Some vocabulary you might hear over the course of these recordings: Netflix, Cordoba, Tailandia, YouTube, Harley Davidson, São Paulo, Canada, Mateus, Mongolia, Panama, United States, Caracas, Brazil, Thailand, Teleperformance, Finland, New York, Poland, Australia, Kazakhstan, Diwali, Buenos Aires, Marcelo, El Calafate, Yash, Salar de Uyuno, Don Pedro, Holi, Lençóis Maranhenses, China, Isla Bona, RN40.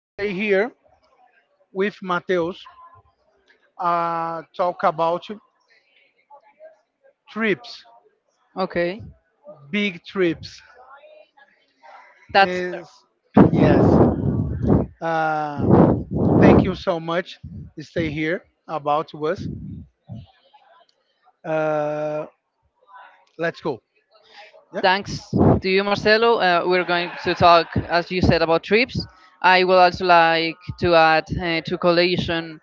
Stay here with Mateus. Talk about trips, Okay, big trips. that's Is yes. Um, Thank you so much. Stay here about us. Uh, let's go. thanks to you, Marcelo. We're going to talk, as you said, about trips. I would also like to add to collation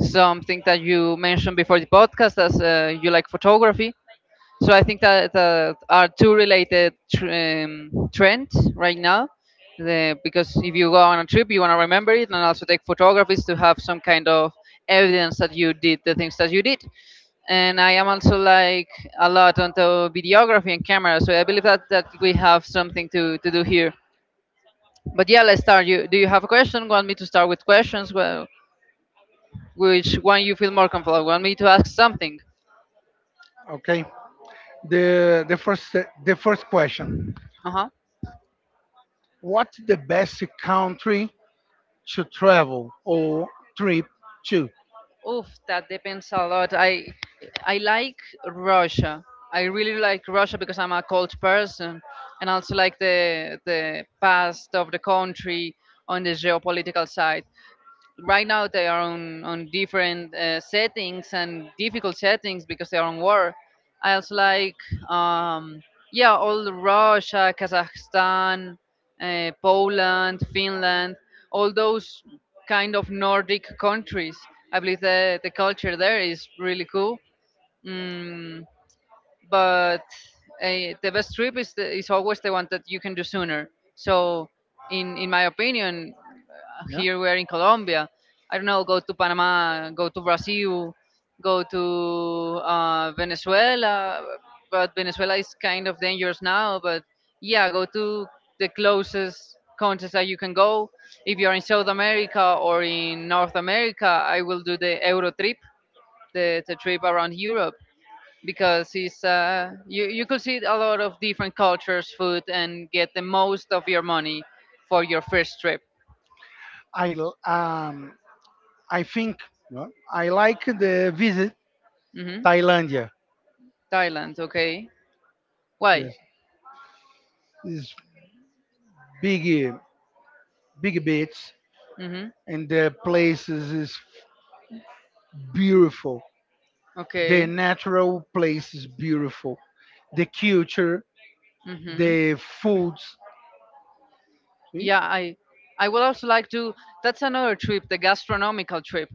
something that you mentioned before the podcast, as you like photography. So I think that are two related trends right now. Because if you go Yeah. on a trip, you want to remember it and also take photographs to have some kind of evidence that you did the things that you did. And I am also like a lot onto videography and camera. So I believe that we have something to do here. But yeah, let's start. You do you have a question? Want me to start with questions? Well, which one you feel more comfortable? Want me to ask something? Okay. The the first the first question. Uh huh. What's the best country to travel or trip to? Oof, that depends a lot. I like Russia. I really like Russia because I'm a cold person, and also like the past of the country on the geopolitical side. Right now they are on different settings and difficult settings because they are on war. I also like, um, yeah, all Russia, Kazakhstan, Poland, Finland, all those kind of Nordic countries. I believe the culture there is really cool. Mm, but the best trip is is always the one that you can do sooner. So, in my opinion, Yeah. here we're in Colombia. I don't know, go to Panama, go to Brazil, go to Venezuela, but Venezuela is kind of dangerous now. But yeah, go to the closest countries that you can go. If you're in South America or in North America, I will do the Euro trip, the trip around Europe because it's you could see a lot of different cultures, food, and get the most of your money for your first trip. I um I think, uh, I like the visit Hmm. Thailandia. Thailand, okay. Why? Yes. This big uh, big beach Hmm. and the places is beautiful. The Okay. natural place is beautiful. The culture, Hmm. the foods. See? Yeah, I would also like to. That's another trip, the gastronomical trip.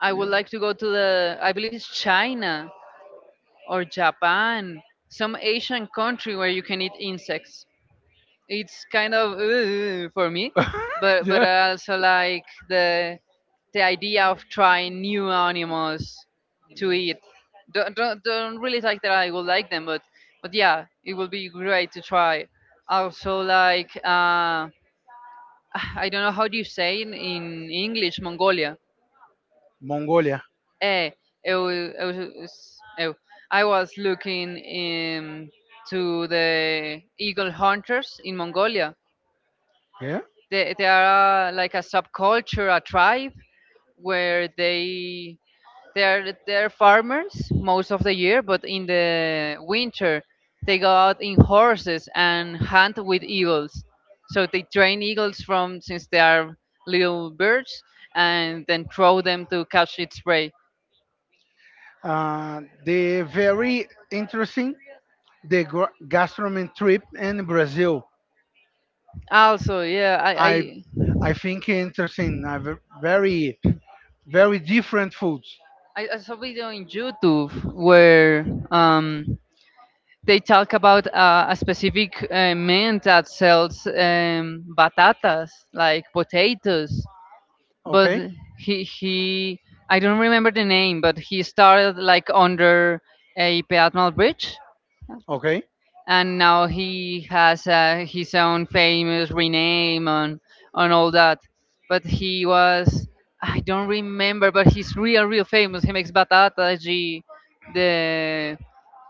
I would like to go to the. I believe it's China or Japan, some Asian country where you can eat insects. It's kind of for me, but Yeah. Yeah. I also like the idea of trying new animals to eat. Don't really like that I will like them, but yeah it will be great to try. Also like I don't know how do you say in english, mongolia. Mongolia. eh it was, eh, I was looking in to the eagle hunters in mongolia. Yeah. They are like a subculture, a tribe where they're they're farmers most of the year, but in the winter they go out in horses and hunt with eagles. So they train eagles from since they are little birds and then throw them to catch its prey. The very interesting the gastronomy trip in Brazil. Also, yeah, I I I, I think interesting. Very different foods. I I saw video on YouTube where um they talk about a specific man that sells batatas, like potatoes. But Okay, he i don't remember the name, but he started like under a peatonal bridge, okay. and now he has his own famous rename on all that. But he was, i don't remember, but he's real famous. He makes batata, the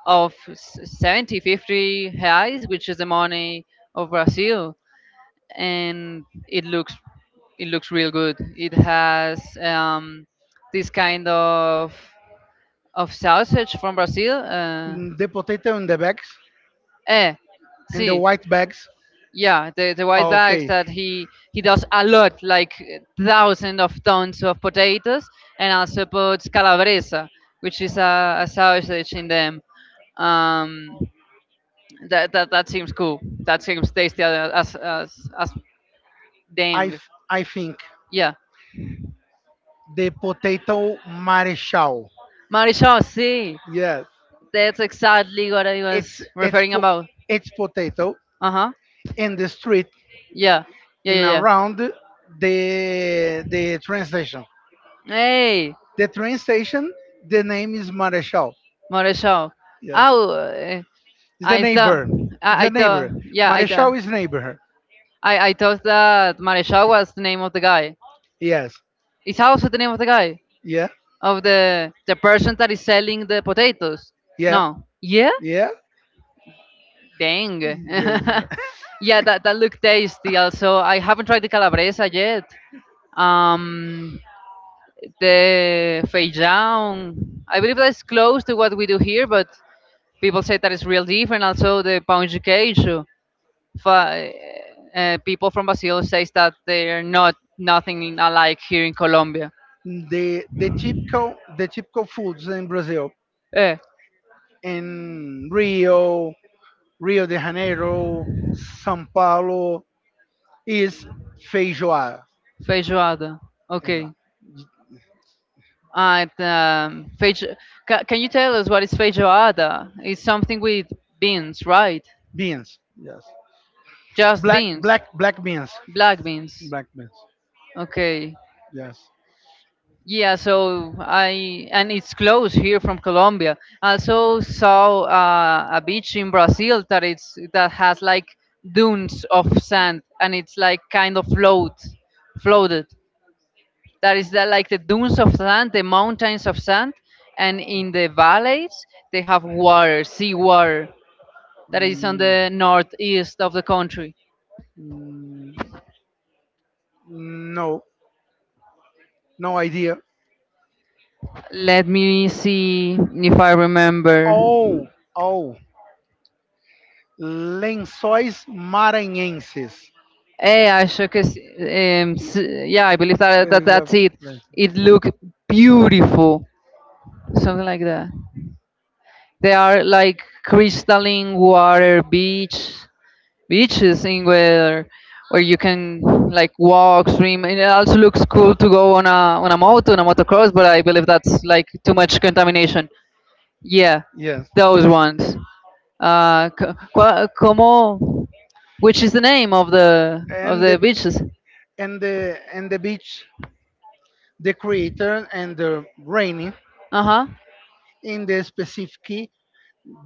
of s- 70, 50 reais, which is the money of Brazil, and it looks real good. It has this kind of sausage from Brazil. Mm, the potato in the bags, eh, in the see, white bags. yeah, the white bags Okay, that he does a lot, like thousands of tons of potatoes, and also puts calabresa, which is a sausage in them. Um, that seems cool. That seems tasty as I dang. f- I think Yeah, the potato marechal. Marisol, see, Yes, that's exactly what I was it's it's referring po- about. it's potato Uh huh. in the street, Yeah, in yeah. around the train station. Hey, The train station. The name is marechal. Marisol. Yes, Oh, eh, it's the I thought, neighbor. It's I the thought, neighbor. Marechal is neighbor. I thought that Marisol was the name of the guy. Yes. It's also the name of the guy Yeah. of the person that is selling the potatoes. Yeah. No. Yeah. Yeah. Dang. Yes. Yeah, that looked tasty. Also, I haven't tried the calabresa yet. Um, the feijão. I believe that's close to what we do here, but people say that it's real different. Also, the pão de queijo. Fa- People from Brazil says that they're not nothing alike here in Colombia. The typical foods in Brazil, Eh, in Rio, Rio de Janeiro, São Paulo is feijoada, Feijoada. you know, Okay. And can you tell us what is feijoada? It's something with beans, right? beans, yes, Just black beans, black black beans, black beans. black beans, Okay. yes. Yeah, so I and it's close here from Colombia. I also saw a beach in Brazil that it's that has like dunes of sand and it's like kind of floated. That is like the dunes of sand, the mountains of sand, and in the valleys they have water, sea water. That is on Mm, the northeast of the country. mm, no, no idea. Let me see if I remember. Oh, oh, Lençóis Maranhenses. Hey, I shook his, yeah, I believe that Uh, that's it. It looked beautiful, something like that. There are like crystalline water beach beaches in where you can like walk, swim. And it also looks cool to go on a moto, on a motocross, but I believe that's like too much contamination. Yeah, Yes. those ones. Como, which is the name of and the the beaches? and the beach, the crater, and the rainy Uh huh. in the specific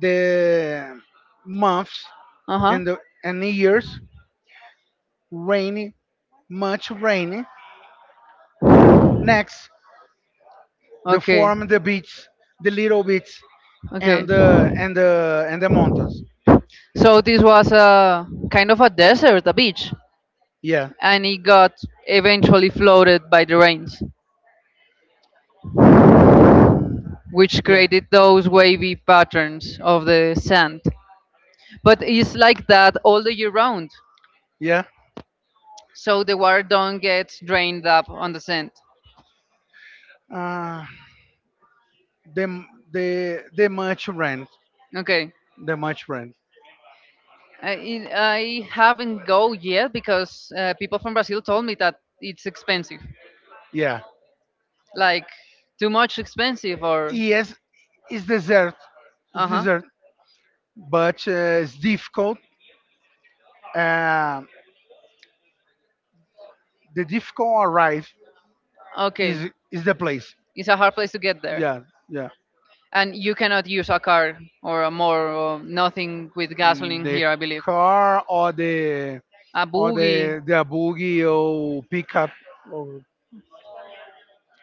the months, Uh huh. and the years, rainy, much rainy, next the Okay. form the beach, the little beach, Okay. and the mountains, So this was a kind of a desert, a beach, yeah. and it got eventually flooded by the rains, Mm, which yeah, created those wavy patterns of the sand. But it's like that all the year round, yeah. so the water don't get drained up on the sand. Uh, the the much rent, Okay. the much rent. I haven't go yet because people from Brazil told me that it's expensive, Yeah. like too much expensive or Yes, it's dessert. uh It's huh. dessert, but it's difficult. Uh, the difficult arrive Okay, is the place. it's a hard place to get there, Yeah, yeah. and you cannot use a car or a more or nothing with Mm, gasoline the here, I believe. car or the A or boogie, the the buggy or pickup. Or,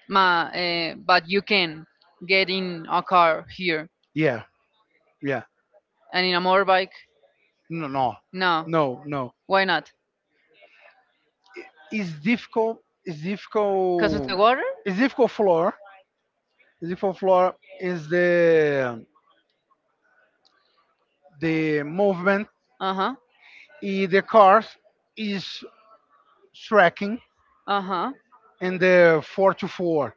but you can get in a car here yeah, yeah. and in a motorbike. No, no, No, no, no. why not? It's difficult. It's Because of difficult. the water? It's difficult floor. It's difficult floor is the movement. Uh huh. The cars is tracking Uh huh. in the four to four.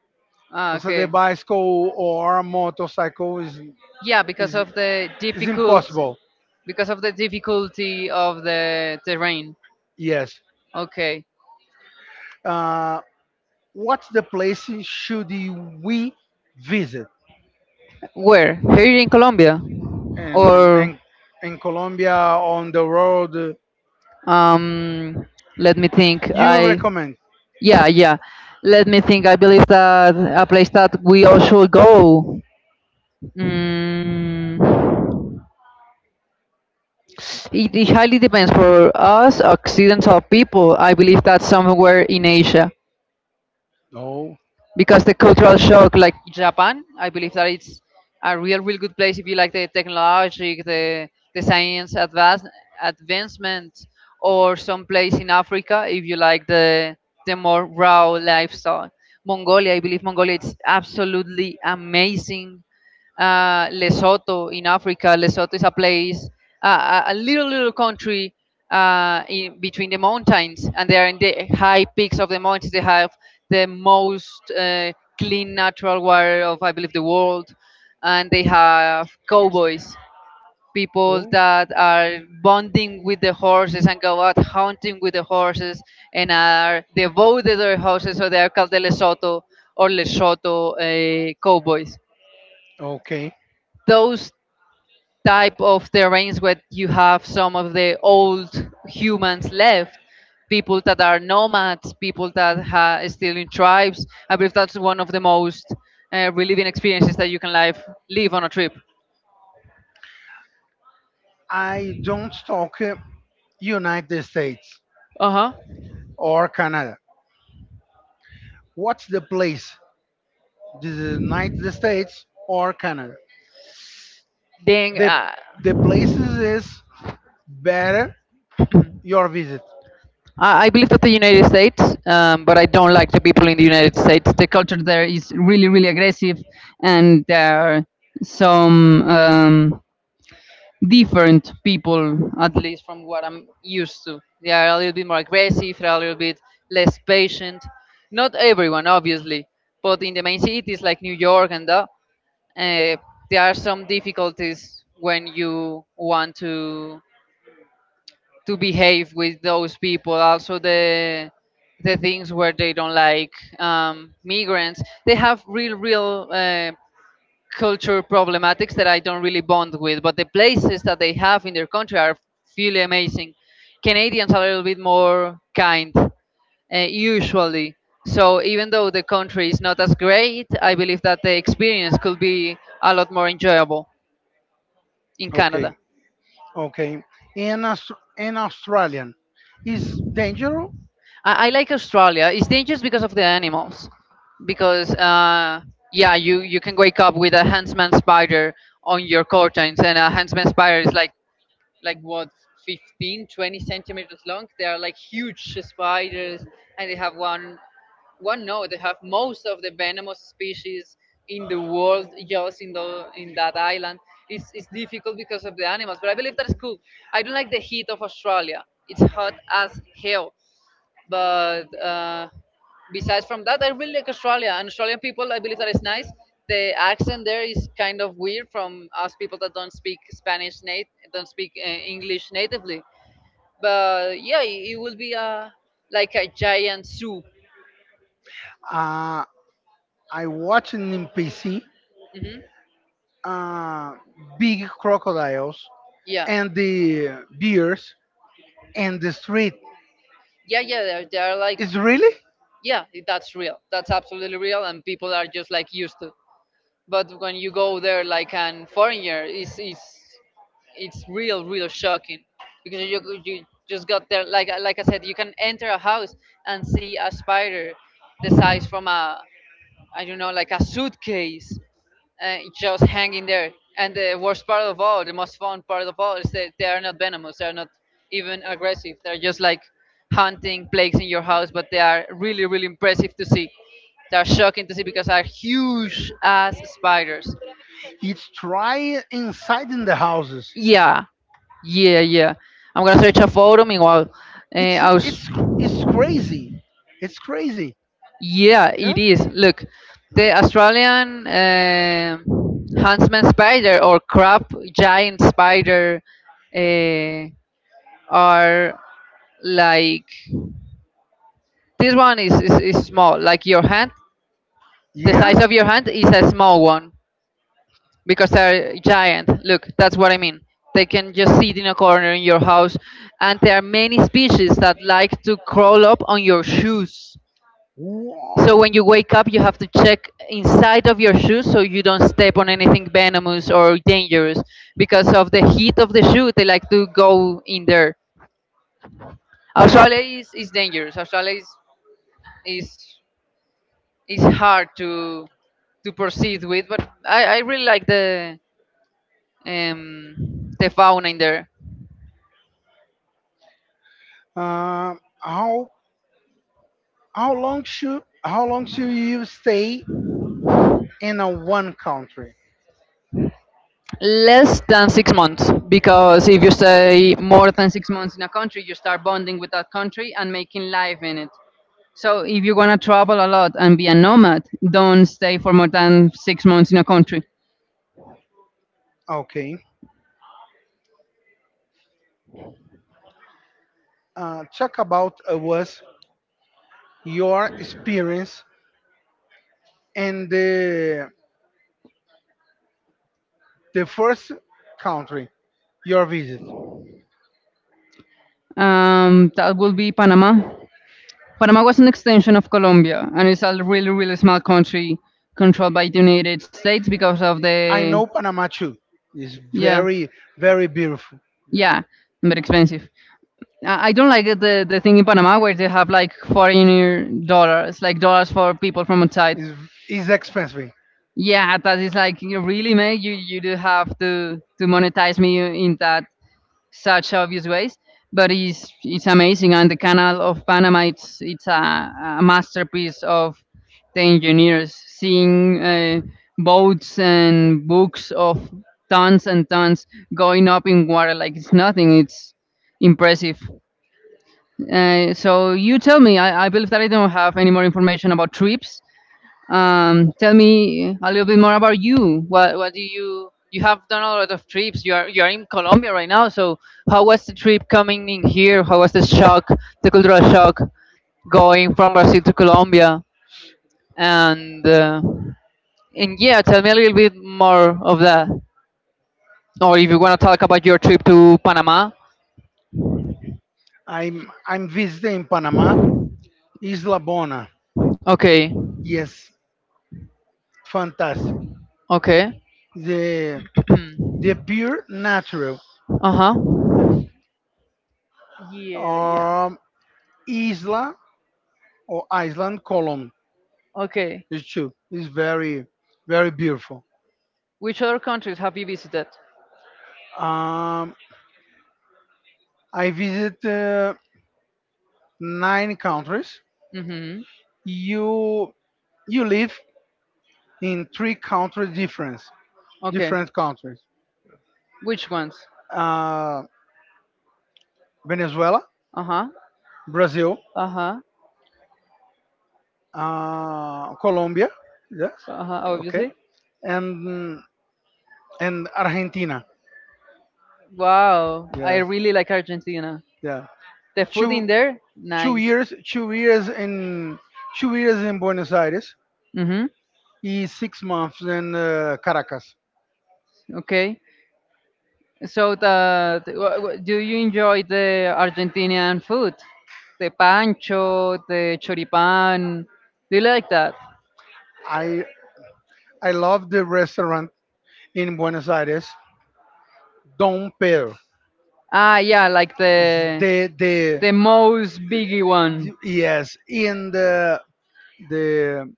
Ah, So the okay. bicycle or motorcycle Yeah, because is of the is difficult, impossible. because of the difficulty of the terrain. Yes. Okay. Uh, what's the place should we visit Where? Here in Colombia? in Or in in Colombia on the road? um let me think. You I recommend? Yeah, yeah. Let me think. I believe that a place that we all should go. Mm, it highly depends for us occidental people. I believe that's somewhere in Asia No, because the cultural shock, like Japan, I believe that it's a real good place if you like the technology, the science advancement, or some place in Africa if you like the more raw lifestyle. Mongolia, I believe mongolia, it's absolutely amazing. Lesotho in Africa. Lesotho is a place, a little little country in between the mountains, and they are in the high peaks of the mountains. They have the most clean natural water of I believe the world, and they have cowboys, people no. that are bonding with the horses and go out hunting with the horses and are devoted to their horses, so they are called the Lesotho or Lesotho cowboys. Okay. Those type of terrains where you have some of the old humans left, people that are nomads, people that are still in tribes, I believe that's one of the most relieving experiences that you can live on a trip. I don't talk, United States Uh-huh. or Canada. What's the place? The United States or Canada? then The the places is better your visit. I believe that the United States, but I don't like the people in the United States. The culture there is really, really aggressive, and there are some different people, at least from what I'm used to. They are a little bit more aggressive, they're a little bit less patient. Not everyone, obviously, but in the main cities like New York and that, uh, there are some difficulties when you want to behave with those people. Also, the things where they don't like migrants. They have real, real culture problematics that I don't really bond with, but the places that they have in their country are really amazing. Canadians are a little bit more kind, usually. So even though the country is not as great, I believe that the experience could be a lot more enjoyable in Okay. Canada. Okay, in Aus- in Australian is dangerous. I like Australia. It's dangerous because of the animals, because yeah, you can wake up with a huntsman spider on your curtains, and a huntsman spider is like like what, 15, 20 centimeters long. They are like huge spiders, and they have one one no they have most of the venomous species in the world, just in the in that island. It's difficult because of the animals, but I believe that's cool. I don't like the heat of Australia, it's hot as hell, but besides from that I really like Australia and Australian people, I believe that is nice. The accent there is kind of weird from us people that don't speak Spanish native, don't speak English natively, but yeah, it will be a like a giant zoo. Uh, I watched in PC, Hmm. uh, big crocodiles yeah and the bears and the street. yeah yeah they're like It's really, yeah, that's real, that's absolutely real, and people are just like used to. But when you go there like an foreigner, it's real, real shocking, because you just got there. Like I said, you can enter a house and see a spider the size from a, I don't know, like a suitcase, just hanging there. And the worst part of all, the most fun part of all, is that they are not venomous, they are not even aggressive, they're just like hunting plagues in your house, but they are really, really impressive to see. They are shocking to see because they are huge ass spiders. it's try inside in the houses. Yeah, yeah, yeah. I'm gonna search a photo. Meanwhile, It's I was, it's cr- it's crazy. It's crazy. yeah, it Yeah. is. Look, the Australian huntsman spider or crab giant spider uh, are like this one is, is small, like your hand. The Yeah. size of your hand is a small one, because they're giant. Look, that's what I mean. They can just sit in a corner in your house, and there are many species that like to crawl up on your shoes. So Wow. when you wake up, you have to check inside of your shoes so you don't step on anything venomous or dangerous. Because of the heat of the shoe, they like to go in there. Australia is dangerous. Australia is, is is hard to proceed with, but I really like um, the fauna in there. Uh, how how long should you stay in a one country? Less than 6 months, because if you stay more than 6 months in a country, you start bonding with that country and making life in it. So if you want to travel a lot and be a nomad, don't stay for more than 6 months in a country. Okay. Talk about, was your experience in the first country your visit. That will be Panama. Panama was an extension of Colombia, and it's a really, really small country controlled by the United States because of I the know Panama too. It's yeah, very, very beautiful. yeah, very expensive. I don't like it, the thing in Panama where they have like foreigner dollars, like dollars for people from outside. It's, it's expensive. Yeah, that is like you really mate. You do have to monetize me in that such obvious ways, but it's amazing. And the Canal of Panama, it's a masterpiece of the engineers. Seeing boats and books of tons and tons going up in water like it's nothing. It's impressive. So you tell me. I believe that I don't have any more information about trips. Tell me a little bit more about you. What do you, you have done a lot of trips. You are in Colombia right now. So how was the trip coming in here? How was the shock, the cultural shock, going from Brazil to Colombia? And uh, and yeah, tell me a little bit more of that. Or if you want to talk about your trip to Panama. I'm visiting Panama, Isla Bona. Okay. Yes, fantastic. Okay. The The pure natural. Uh huh. Yes. Yeah. Yeah. Um, Isla or Island Column Okay. is too. It's very, very beautiful. Which other countries have you visited? Um, I visit, nine countries. Mm-hmm. You you live in three countries difference, Okay. different countries. Which ones? Uh, Venezuela, Uh-huh. Brazil, Uh-huh. Colombia. Yes. Uh-huh. Okay. Obviously. And and Argentina. Wow. I Yes. really like Argentina. Yeah. The food two in there, two nice. years two years in 2 years in Buenos Aires Mm-hmm. is 6 months in, Caracas. Okay. So do you enjoy the Argentinian food? The pancho, the choripan. Do you like that? I I love the restaurant in Buenos Aires, Don Pedro. Ah, yeah, like It's the the the most biggie one. Yes, in the the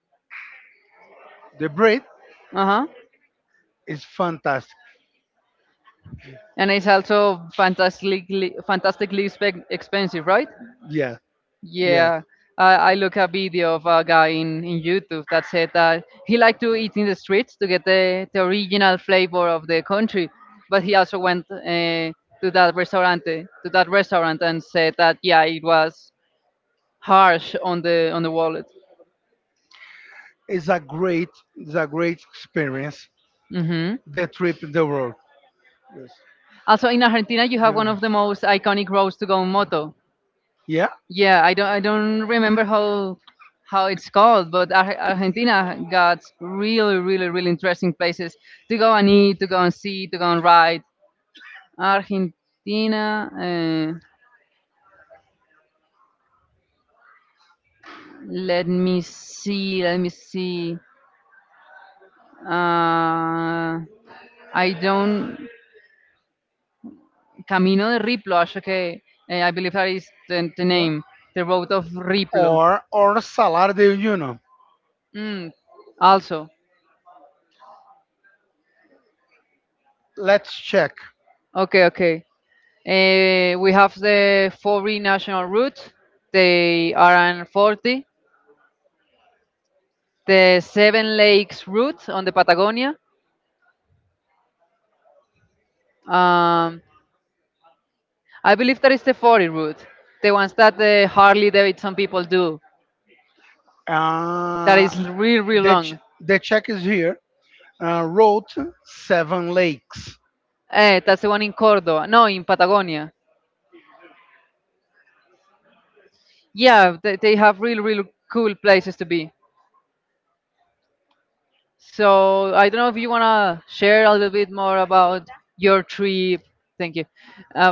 the bread Uh-huh. is fantastic. And it's also fantastically fantastically expensive, right? Yeah, yeah. Yeah. I look a video of a guy in YouTube that said that he liked to eat in the streets to get the original flavor of the country, but he also went to that restaurant to that restaurant and said that yeah, it was harsh on the wallet. It's a great, it's a great experience. Hmm. The trip, in the road. Yes. Also, in Argentina, you have one Yes. of the most iconic roads to go on moto. Yeah. Yeah, I don't remember how it's called, but Argentina got really, really, really interesting places to go and eat, to go and see, to go and ride. Argentina. Let me see. Let me see. Uh, I don't. Camino de Riplo. Acho que I believe that is the Yeah. name. The road of Riplo. Or Salar de Uyuno. Mm, also. Let's check. Okay. Okay. We have the 40 national route, the RN40, the Seven Lakes route on the Patagonia. Um, I believe that is the 40 route, the ones that the Harley Davidson people do. That Uh, is real, real the ch- long. the check is here. Road Seven Lakes. Eh, that's the one in Cordoba. No, in Patagonia. Yeah, they have real, real cool places to be. So I don't know if you wanna share a little bit more about your trip. Thank you.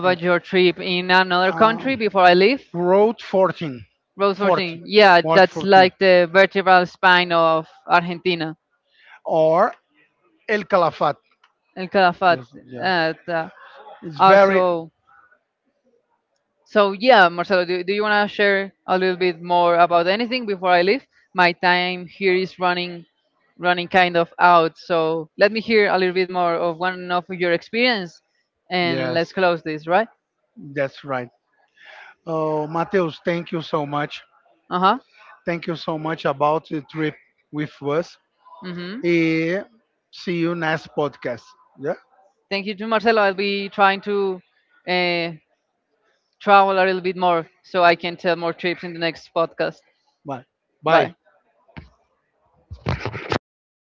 Thank you. your trip in another Um, country before I leave. Road 14, Rose Road 14. Yeah, 40, that's 40, like the vertebral spine of Argentina. or El Calafat. El Calafat. Yes, yeah, Uh, the- it's very, Also. So yeah, Marcelo, do you want to share a little bit more about anything before I leave? My time here is running, running kind of out. So let me hear a little bit more of one of your experience, and let's yes, close this, right? that's right. Oh, Mateus, thank you so much. Uh huh. Thank you so much about the trip with us. Mm-hmm. Eh, See you next podcast. Yeah, Thank you to Marcelo. I'll be trying to uh, travel a little bit more so I can tell more trips in the next podcast. bye, bye. Bye.